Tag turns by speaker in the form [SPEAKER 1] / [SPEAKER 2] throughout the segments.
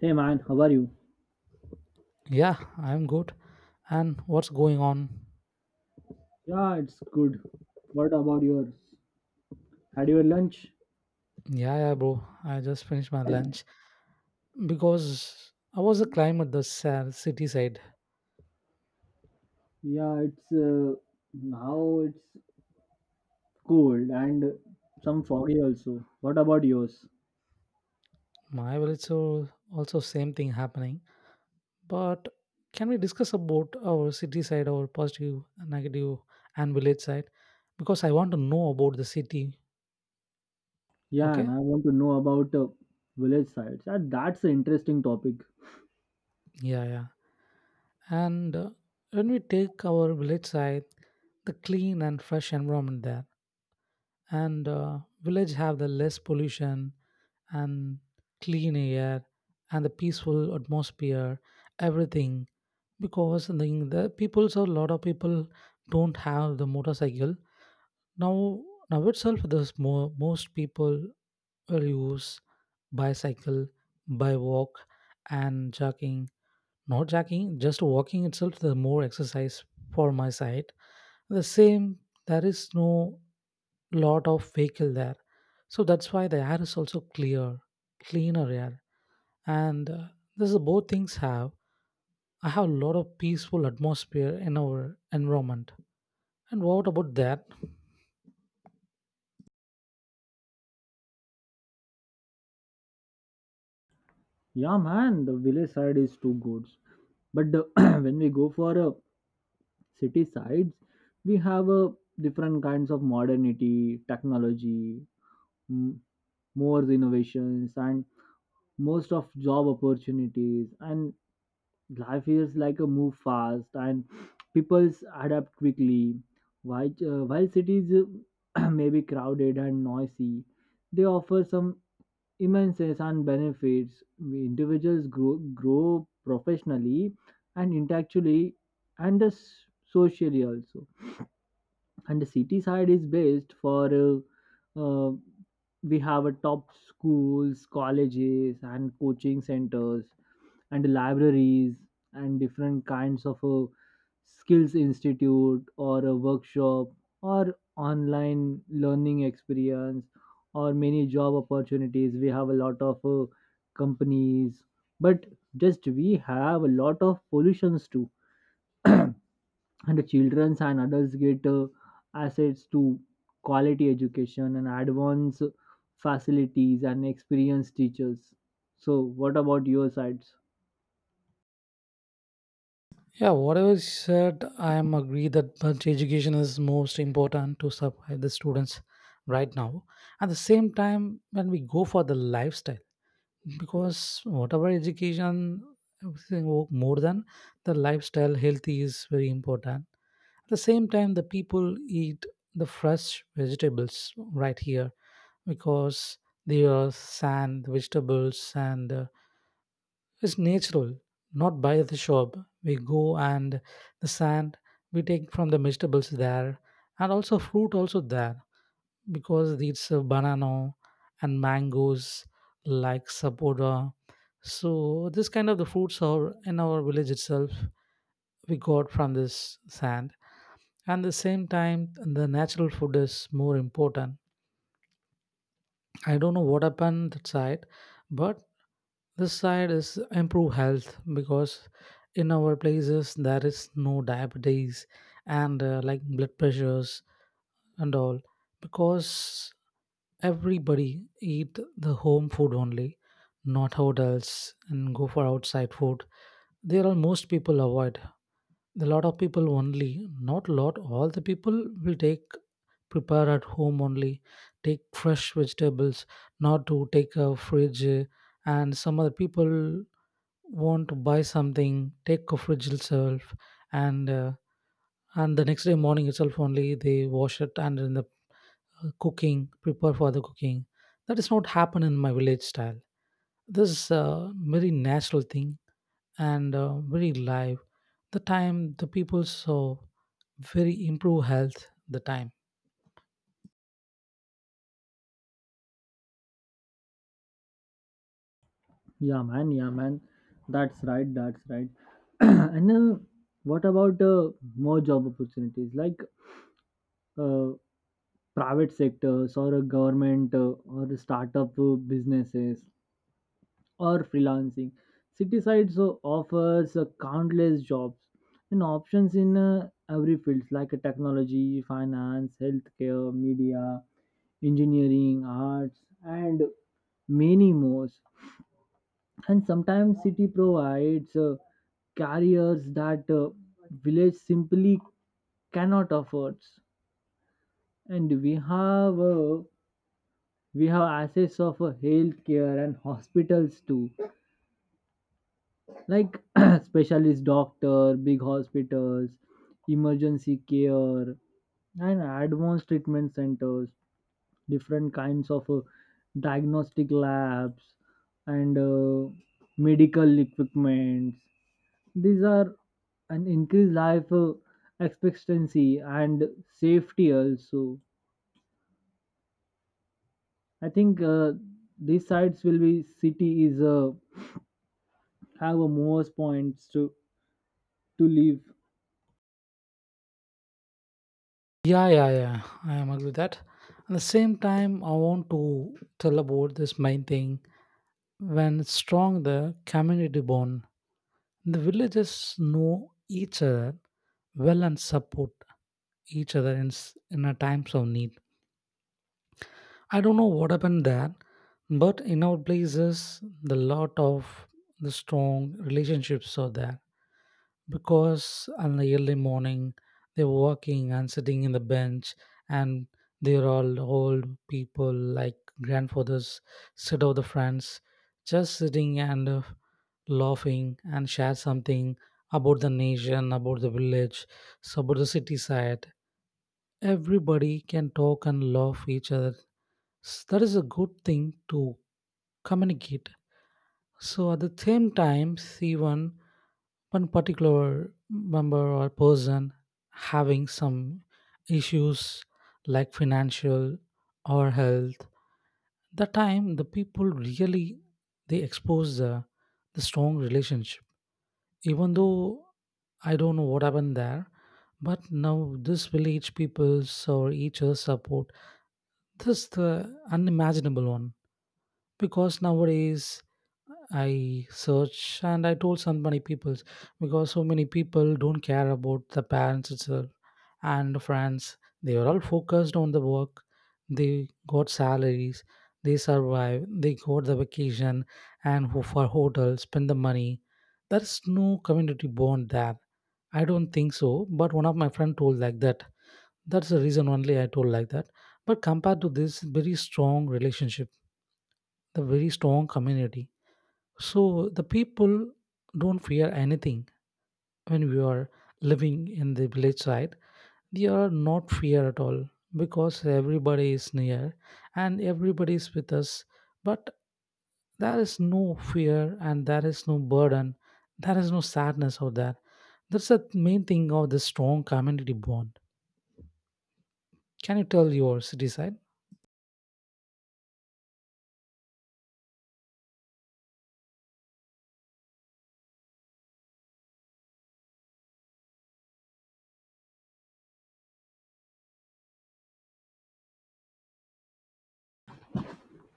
[SPEAKER 1] Hey man, how are you?
[SPEAKER 2] Yeah, I'm good. And what's going on?
[SPEAKER 1] Yeah, it's good. What about yours? Had your lunch?
[SPEAKER 2] Yeah, yeah, bro, I just finished my lunch because I was a climb at the sa- city side.
[SPEAKER 1] Yeah, it's now it's cold and some foggy also. What about yours?
[SPEAKER 2] My village so also same thing happening. But can we discuss about our city side, our positive, negative, and village side? Because I want to know about the city.
[SPEAKER 1] Yeah, and
[SPEAKER 2] Okay.
[SPEAKER 1] I want to know about village sides. Yeah, that's an interesting topic.
[SPEAKER 2] Yeah, yeah. And When we take our village side, the clean and fresh environment there, and village have the less pollution and clean air and the peaceful atmosphere, everything. Because the people, so a lot of people don't have the motorcycle. Now, now itself, there's more, most people will use bicycle, by walk, and jogging. Not jogging, just walking itself, the more exercise for my side. The same, there is no lot of vehicle there. So that's why the air is also clear, cleaner air and this is both things have I have a lot of peaceful atmosphere in our environment, and what about that?
[SPEAKER 1] Yeah, man, the village side is too good. But the, when we go for city sides, we have different kinds of modernity, technology, m- more innovations, and most of job opportunities and life is like a move fast and people's adapt quickly while cities may be crowded and noisy, they offer some immenses and benefits. We individuals grow professionally and intellectually and socially also. And the city side is best for uh, we have a top schools, colleges and coaching centers and libraries and different kinds of a skills institute or a workshop or online learning experience or many job opportunities. We have a lot of companies, but just we have a lot of pollutions too. And the children and adults get assets to quality education and advanced facilities and experienced teachers. So what about your sides?
[SPEAKER 2] Yeah, whatever you said, I am agree that much. Education is most important to survive the students right now. At the same time, when we go for the lifestyle, because whatever education, everything wo- more than the lifestyle, healthy is very important. At the same time, the people eat the fresh vegetables right here, because they are sand vegetables and it's natural, not by the shop we go, and the sand we take from the vegetables there. And also fruit also there, because it's a banana and mangoes, like sapoda. So this kind of the fruits are in our village itself, we got from this sand. And the same time, the natural food is more important. I don't know what happened that side, but this side is improve health, because in our places there is no diabetes and like blood pressures and all, because everybody eat the home food only, not hotels and go for outside food. There are most people avoid, the lot of people only, not lot, all the people will take, prepare at home only, take fresh vegetables, not to take a fridge and some other people want to buy something, take a fridge itself, and uh, and the next day morning itself only they wash it and in the cooking, prepare for the cooking. That is not happen in my village style. This is a very natural thing, and very live the time, the people saw very improve health the time.
[SPEAKER 1] Yeah, man. Yeah, man. That's right. That's right. And then, what about more job opportunities like uh, private sectors or a government or a startup businesses or freelancing? City sites offers countless jobs and options in every field like technology, finance, healthcare, media, engineering, arts, and many more. And sometimes city provides carriers that village simply cannot afford. And we have we have access of healthcare and hospitals too, like specialist doctor, big hospitals, emergency care, and advanced treatment centers, different kinds of diagnostic labs and medical equipments. These are an increased life expectancy and safety also. I think these sites will be city is have a more points to live.
[SPEAKER 2] Yeah, yeah, yeah. I am agree with that. At the same time, I want to tell about this main thing. When it's strong, the community bond. The villages know each other well and support each other in, s- in a times of need. I don't know what happened there, but in our places, the lot of the strong relationships are there, because in the early morning they're walking and sitting in the bench, and they're all old people like grandfathers, sit of the friends, just sitting and laughing and share something about the nation, about the village, so about the city side. Everybody can talk and love each other. S- that is a good thing to communicate. So at the same time, see one particular member or person having some issues like financial or health. The time the people really they expose the strong relationship. Even though I don't know what happened there, but now this village peoples or each other support, this the unimaginable one, because nowadays I search and I told so many people, because so many people don't care about the parents itself and friends. They were all focused on the work. They got salaries. They survive. They got the vacation and ho- for hotel, spend the money. There is no community bond there. I don't think so. But one of my friend told like that. That's the reason only I told like that. But compared to this, very strong relationship, the very strong community, so the people don't fear anything when we are living in the village side. They are not fear at all, because everybody is near and everybody is with us. But there is no fear and there is no burden. There is no sadness out there. That's the main thing of the strong community bond. Can you tell your city side?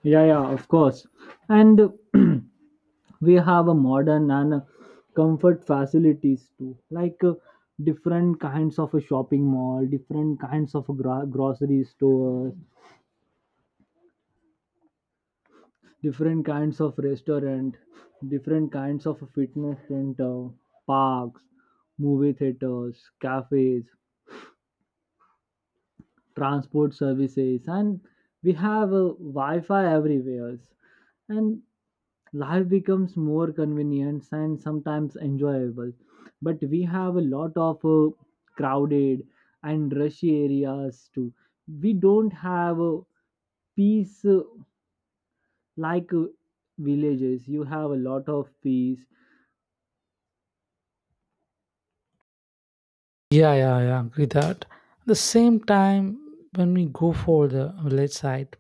[SPEAKER 1] Yeah, yeah, of course. And we have a modern and comfort facilities too, like different kinds of a shopping mall, different kinds of a grocery stores, different kinds of restaurant, different kinds of fitness center, parks, movie theaters, cafes, transport services, and we have wi-fi everywhere. And life becomes more convenient and sometimes enjoyable, but we have a lot of crowded and rushy areas too. We don't have peace like villages, you have a lot of peace.
[SPEAKER 2] Yeah, yeah, yeah, I agree that. At the same time, when we go for the village side,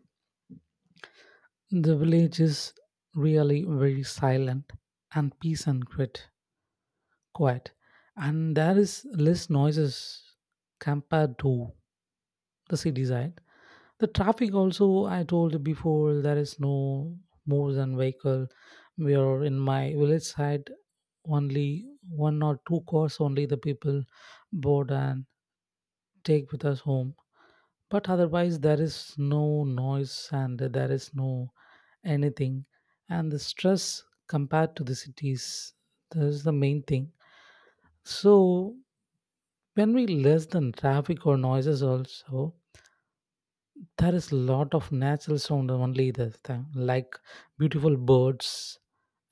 [SPEAKER 2] the village is really very silent and peace and quiet, quiet, and there is less noises compared to the city side. The traffic also, I told before, there is no more than vehicle. We are in my village side, only one or two cars only the people board and take with us home, but otherwise there is no noise and there is no anything, and the stress compared to the cities, that is the main thing. So when we less than traffic or noises also, there is a lot of natural sound only, the thing like beautiful birds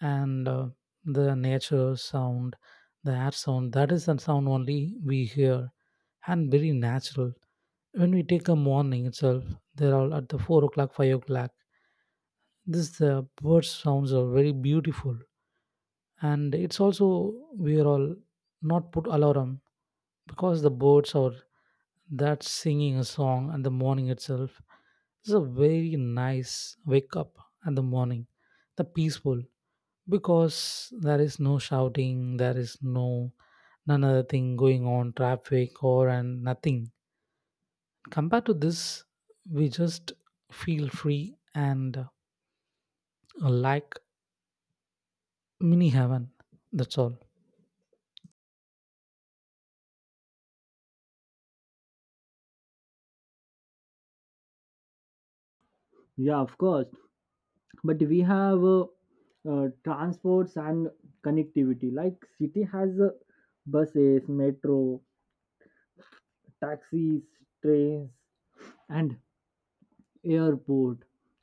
[SPEAKER 2] and the nature sound, the air sound, that is the sound only we hear, and very natural. When we take a morning itself, they're all at the 4 o'clock, 5 o'clock, this the bird sounds are very beautiful, and it's also we are all not put alarm, because the birds are that singing a song, and the morning itself is a very nice wake up. And the morning the peaceful, because there is no shouting, there is no none other thing going on, traffic or and nothing. Compared to this, we just feel free and like mini heaven, that's all.
[SPEAKER 1] Yeah, of course. But we have transports and connectivity. Like city has buses, metro, taxis, trains, and airport,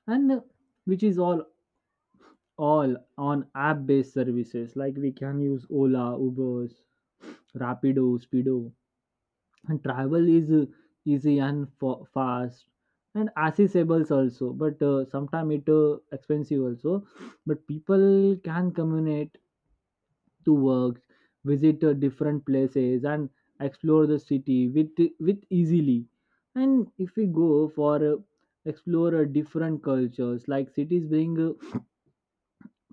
[SPEAKER 1] and which is all on app-based services. Like we can use Ola, Ubers, Rapido, Speedo, and travel is easy and fast and accessible also, but sometimes it expensive also. But people can communicate to work, visit different places and explore the city with easily. And if we go for explore different cultures, like cities bring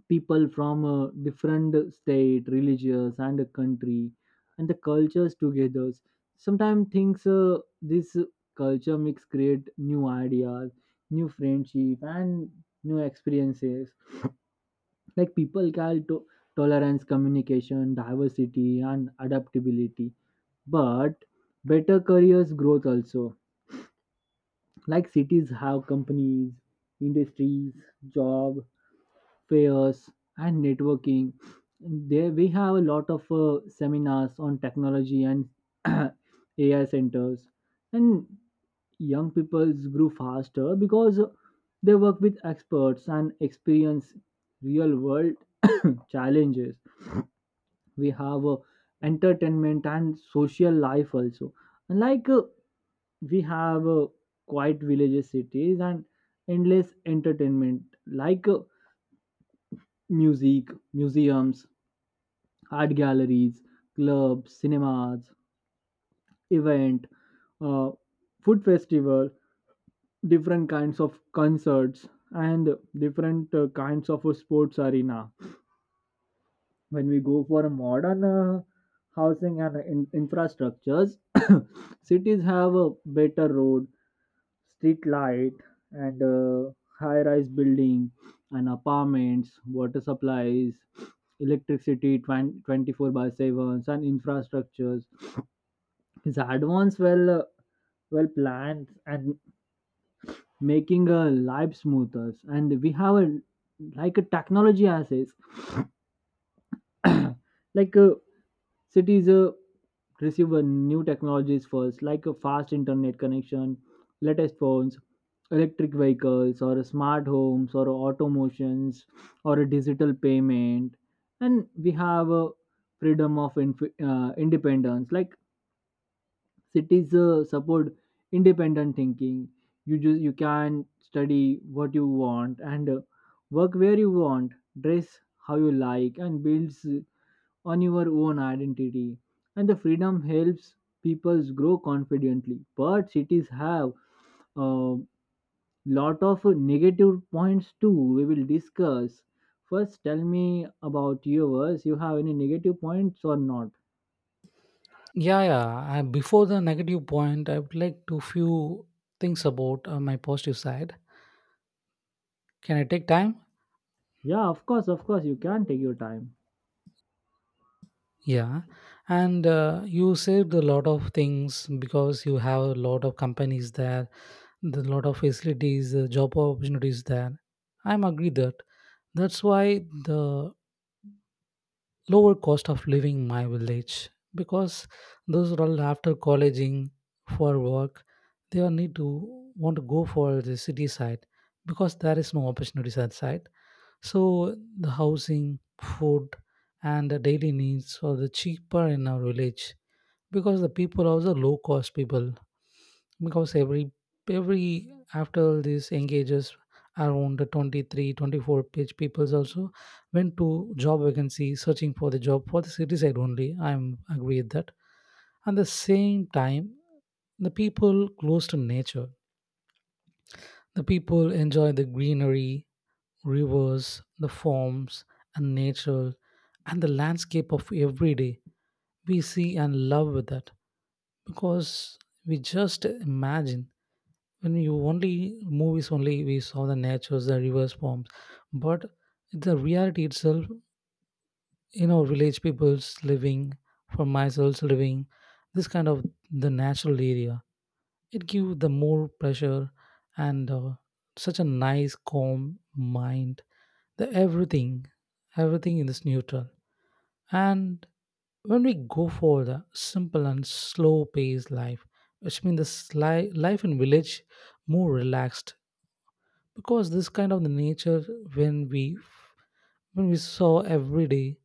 [SPEAKER 1] people from a different state, religious and a country and the cultures together. Sometimes things this culture mix create new ideas, new friendship and new experiences. Like people can tolerance, communication, diversity and adaptability, but better careers growth also. Like cities have companies, industries, job fairs and networking. There we have a lot of seminars on technology and ai centers. And young peoples grew faster because they work with experts and experience real world challenges. We have entertainment and social life also. And like we have quiet villages, cities and endless entertainment, like music, museums, art galleries, clubs, cinemas, event, uh, food festival, different kinds of concerts, and different kinds of a sports arena. When we go for a modern housing and infrastructures, cities have a better road, street light, and high-rise building, and apartments, water supplies, electricity 20 24 by 7 and infrastructures. His advance, well well planned and making a life smoother. And we have a like a technology assets. Like cities receive new technologies first, like a fast internet connection, latest phones, electric vehicles, or smart homes, or automations, or a digital payment. And we have a freedom of independence. Like cities support independent thinking. You just you can study what you want and work where you want, dress how you like and builds on your own identity. And the freedom helps people grow confidently, but cities have a lot of negative points too. We will discuss. First tell me about yours, you have any negative points or not.
[SPEAKER 2] Yeah, yeah. I, before the negative point, I would like to few things about my positive side. Can I take time?
[SPEAKER 1] Yeah, of course, of course, you can take your time.
[SPEAKER 2] Yeah. And You saved a lot of things, because you have a lot of companies there, the lot of facilities, job opportunities there. I'm agree that. That's why the lower cost of living my village, because those are all after colleging for work, they all need to want to go for the city side, because there is no opportunities outside. So the housing, food, and the daily needs are the cheaper in our village, because the people are also low cost people, because every after these engages, around the 23, 24 page peoples also went to job vacancy searching for the job for the city side only, I'm agree with that. And the same time, the people close to nature, the people enjoy the greenery, rivers, the forms, and nature, and the landscape of every day we see and love with that. Because we just imagine, when you only movies only we saw the natures, the rivers, forms, but the reality itself in our village people's living, for myself living, this kind of the natural area, it give the more pressure and such a nice calm mind, the everything, everything in this neutral. And when we go for the simple and slow paced life, which means the sli- life in village more relaxed, because this kind of the nature, when we when we saw every day,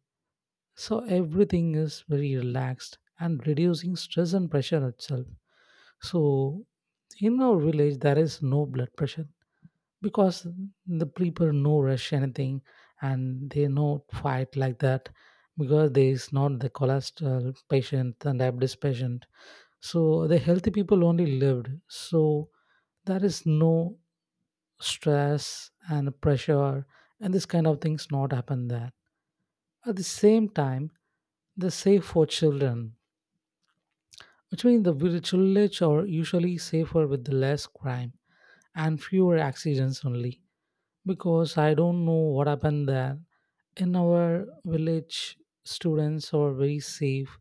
[SPEAKER 2] so everything is very relaxed and reducing stress and pressure itself. So in our village there is no blood pressure, because the people no rush anything, and they no fight like that, because there is not the cholesterol patient and diabetes patient. So the healthy people only lived. So there is no stress and pressure, and this kind of things not happen there. At the same time, they're safe for children, which means the vil- village are usually safer with less crime and fewer accidents only. Because I don't know what happened there. In our village, students are very safe,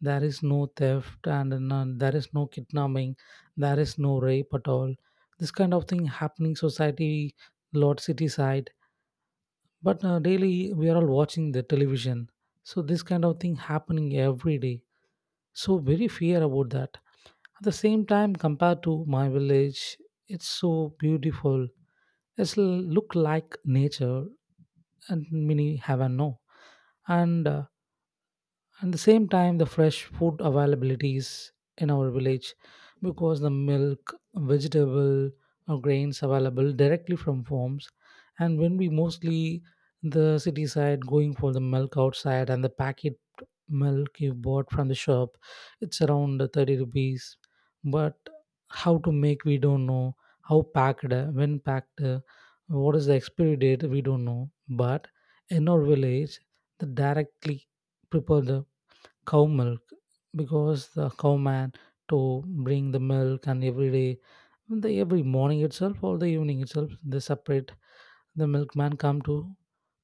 [SPEAKER 2] there is no theft and none, there is no kidnapping, there is no rape at all. This kind of thing happening society lot city side. But daily we are all watching the television, so this kind of thing happening every day, so very fear about that. At the same time, compared to my village, it's so beautiful, it's l- look like nature, and many have a no, and at the same time, the fresh food availabilities in our village, because the milk, vegetable, or grains available directly from farms. And when we mostly the city side going for the milk outside, and the packet milk you bought from the shop, it's around 30 rupees. But how to make we don't know. How packed, when packed, what is the expiry date we don't know. But in our village, the directly prepare the cow milk because the cowman to bring the milk and every day the every morning itself or the evening itself they separate the milkman come to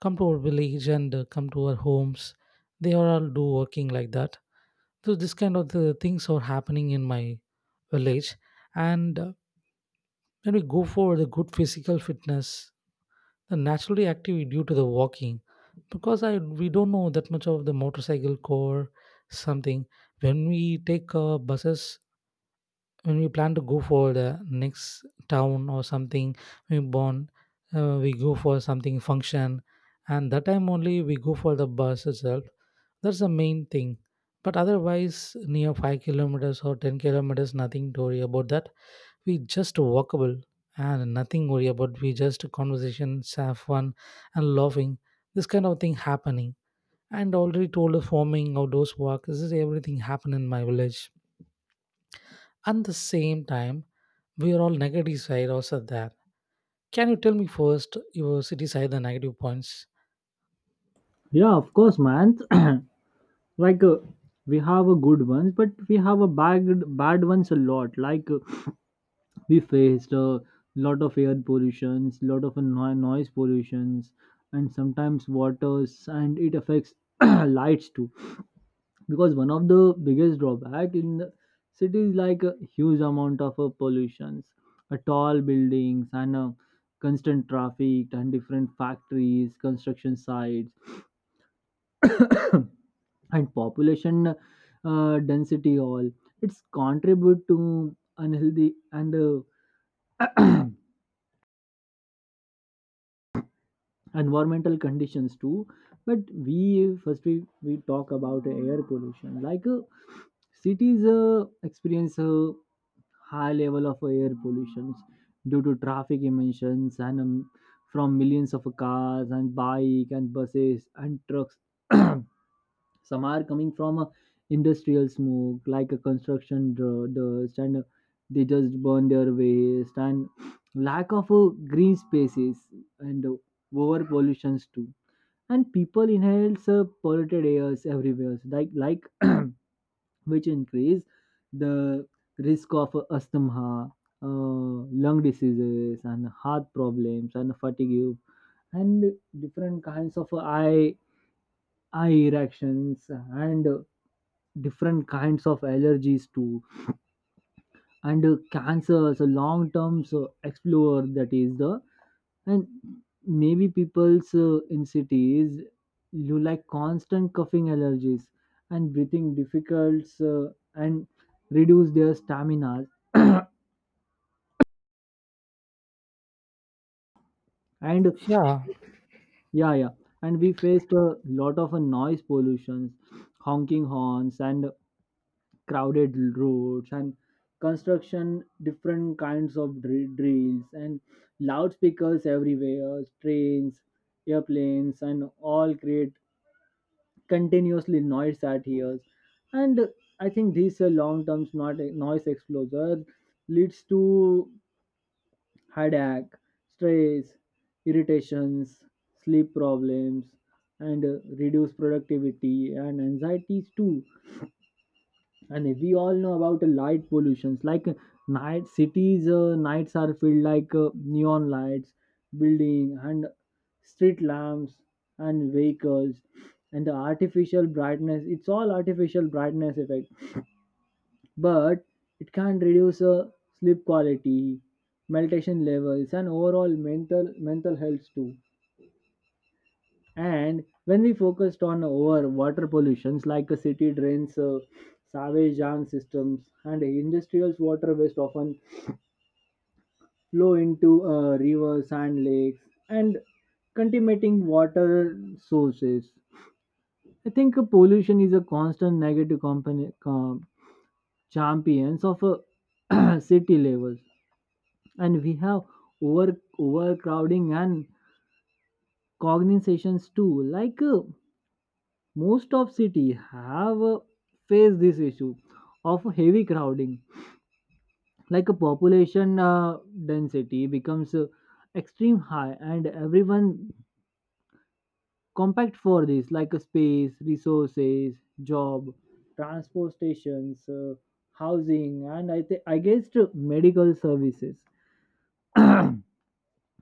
[SPEAKER 2] come to our village and come to our homes, they are all do working like that. So this kind of the things are happening in my village. And When we go for the good physical fitness, they're naturally active due to the walking because I we don't know that much of the motorcycle core something. When we take buses, when we plan to go for the next town or something, we born, we go for something function, and that time only we go for the bus itself. That's the main thing. But otherwise, near 5 kilometers or 10 kilometers, nothing to worry about that, we just walkable and nothing worry about, we just conversations have fun and laughing, this kind of thing happening. And already told the farming outdoors work, this is everything happen in my village. And the same time, we are all negative side also there. Can you tell me first your city side the negative points?
[SPEAKER 1] Yeah, of course, man. Like we have a good ones, but we have a bad ones a lot. Like we faced a lot of air pollutions, lot of noise pollutions, and sometimes waters, and it affects lights too. Because one of the biggest drawback in the cities, like a huge amount of pollutions, a tall buildings and constant traffic and different factories, construction sites. And population density, all it's contribute to unhealthy and environmental conditions too. But we first we talk about air pollution, like cities experience a high level of air pollution due to traffic emissions and from millions of cars and bike and buses and trucks. Some are coming from a industrial smoke, like a construction dust, and they just burn their waste and lack of green spaces and over pollutions too. And people inhales polluted airs everywhere, so like which increase the risk of asthma, lung diseases and heart problems and fatigue and different kinds of eye reactions and different kinds of allergies too and cancer, so long term so explore, that is the. And maybe people's in cities, you like constant coughing, allergies and breathing difficulties and reduce their stamina and
[SPEAKER 2] Yeah,
[SPEAKER 1] yeah, yeah, and we faced a lot of noise pollutions, honking horns and crowded roads and construction, different kinds of drills and loudspeakers everywhere, trains, airplanes and all create continuously noise at ears. And I think this long terms not noise exposure leads to headache, stress, irritations, sleep problems and reduce productivity and anxieties too. And we all know about the light pollutions, like night cities nights are filled like neon lights, building and street lamps and vehicles and the artificial brightness, it's all artificial brightness effect. But it can reduce sleep quality, meditation levels and overall mental health too. And when we focused on our water pollutions, like a city drains, sewage jam systems, and industrial water waste often flow into rivers and lakes and contaminating water sources. I think pollution is a constant negative company, champions of city levels. And we have over overcrowding and cognizations too. Like most of city have faced this issue of heavy crowding, like a population density becomes extreme high and everyone compact for this, like a space, resources, job, transport stations, housing and I think I guess medical services.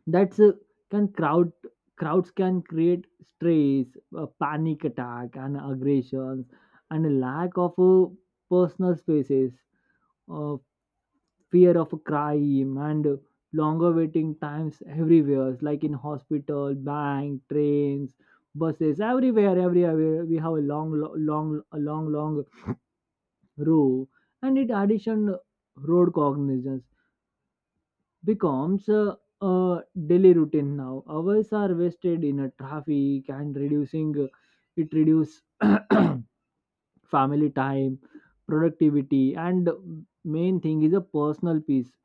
[SPEAKER 1] That's can crowds can create stress, panic attack and aggressions and a lack of personal spaces, uh, fear of crime and longer waiting times everywhere, like in hospital, bank, trains, buses, everywhere we have a long lo- long a long long row. And it addition, road cognizance becomes a daily routine now. Hours are wasted in a traffic and reducing it reduce family time, productivity, and main thing is a personal peace.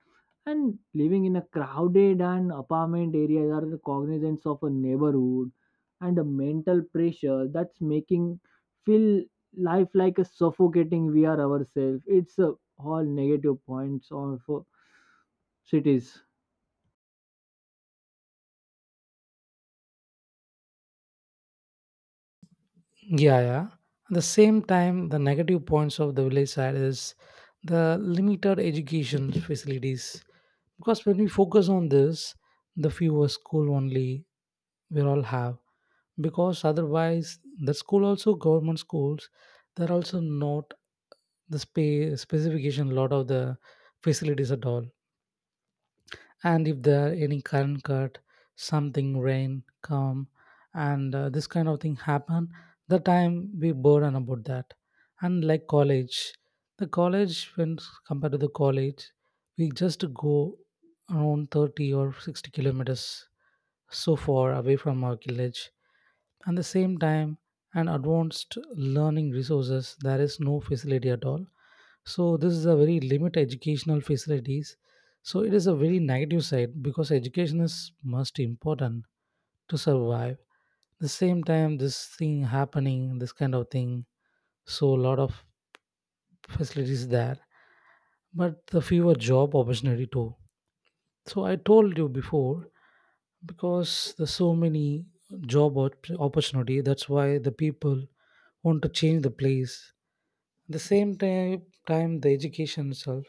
[SPEAKER 1] And living in a crowded and apartment areas are cognizant of a neighborhood and a mental pressure, that's making feel life like a suffocating we are ourselves. It's all negative points of cities.
[SPEAKER 2] yeah, yeah. At the same time, the negative points of the village side is the limited education facilities. Because when we focus on this, the fewer school only we all have. Because otherwise, the school also government schools, they're also not the space specification lot of the facilities at all. And if there are any current cut, something rain come, and this kind of thing happen, the time we burden about that. And like college, the college when compared to the college, we just go around 30 or 60 kilometers so far away from our village. At the same time, and advanced learning resources, there is no facility at all. So this is a very limit educational facilities. So it is a very negative side because education is most important to survive. The same time, this thing happening, this kind of thing. So a lot of facilities there, but the fewer job opportunity too, so I told you before, because there's so many job opportunity. That's why the people want to change the place. The same time, the education itself,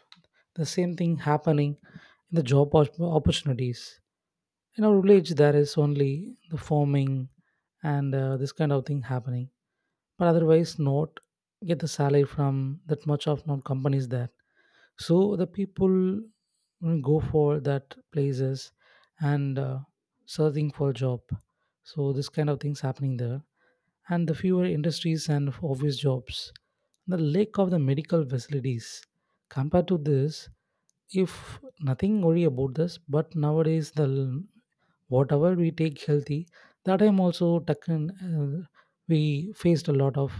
[SPEAKER 2] the same thing happening in the job opportunities. In our village, there is only the farming and this kind of thing happening, but otherwise not get the salary from that much of non companies there. So the people, go for that places and searching for job, so this kind of things happening there. And the fewer industries and obvious jobs, the lack of the medical facilities compared to this. If nothing worry about this, but nowadays the whatever we take healthy, that time also taken, we faced a lot of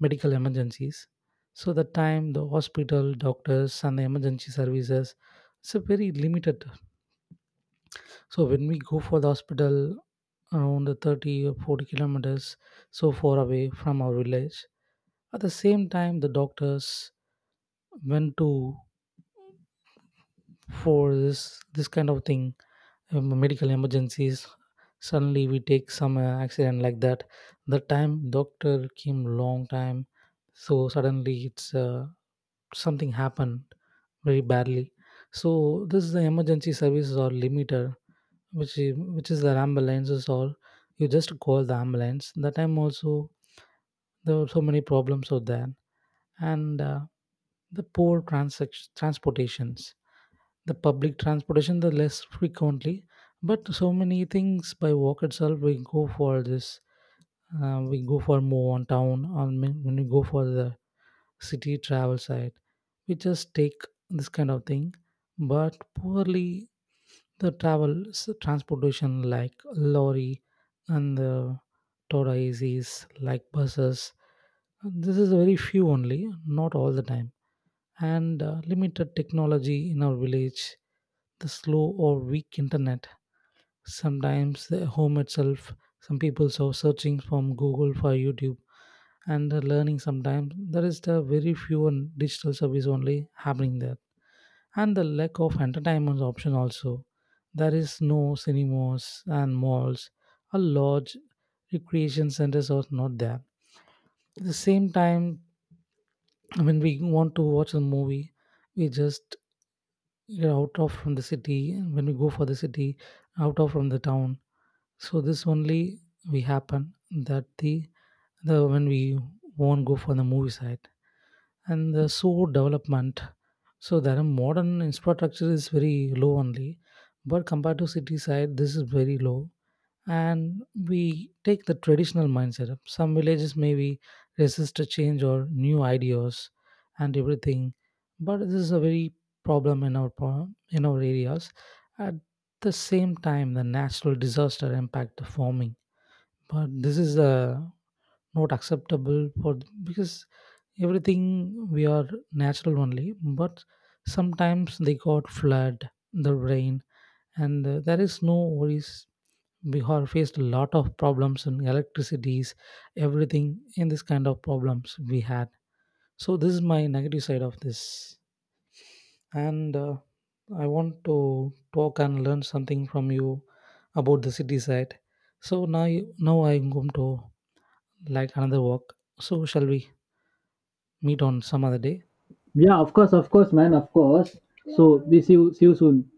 [SPEAKER 2] medical emergencies. So the time the hospital, doctors, and the emergency services, it's a very limited. So when we go for the hospital around 30 or 40 kilometers so far away from our village, at the same time the doctors went to for this kind of thing, medical emergencies. Suddenly we take some accident like that. The time doctor came long time, so suddenly it's something happened very badly. So this is the emergency services or limiter, which is the ambulances, or you just call the ambulance. That time also there were so many problems out there. And the poor transportations, the public transportation, the less frequently. But so many things by walk itself, we go for this. We go for move on town, or when we go for the city travel site, we just take this kind of thing. But poorly the transportation like lorry and the Toda ACs like buses. This is very few only, not all the time. And limited technology in our village, the slow or weak internet. Sometimes the home itself, some people are searching from Google for YouTube and the learning, sometimes there is the very few and digital service only happening there. And the lack of entertainment option also, there is no cinemas and malls or large recreation centers are not there. At the same time, when we want to watch a movie, we just get out of from the city, and when we go for the city, out of from the town, so this only we happen that the when we won't go for the movie side. And the so development, so there are modern infrastructure is very low only, but compared to city side this is very low. And we take the traditional mindset up. Some villages maybe resist to change or new ideas and everything, but this is a very problem in our in our areas. At the same time, the natural disaster impact the farming. But this is a not acceptable for because everything we are natural only. But sometimes they got flood, the rain, and there is no worries, we have faced a lot of problems in electricities, everything in this kind of problems we had. So this is my negative side of this. And I want to talk and learn something from you about the city side. So now I'm going to like another walk, so shall we meet on some other day.
[SPEAKER 1] Yeah, of course, man, of course. So we see you soon.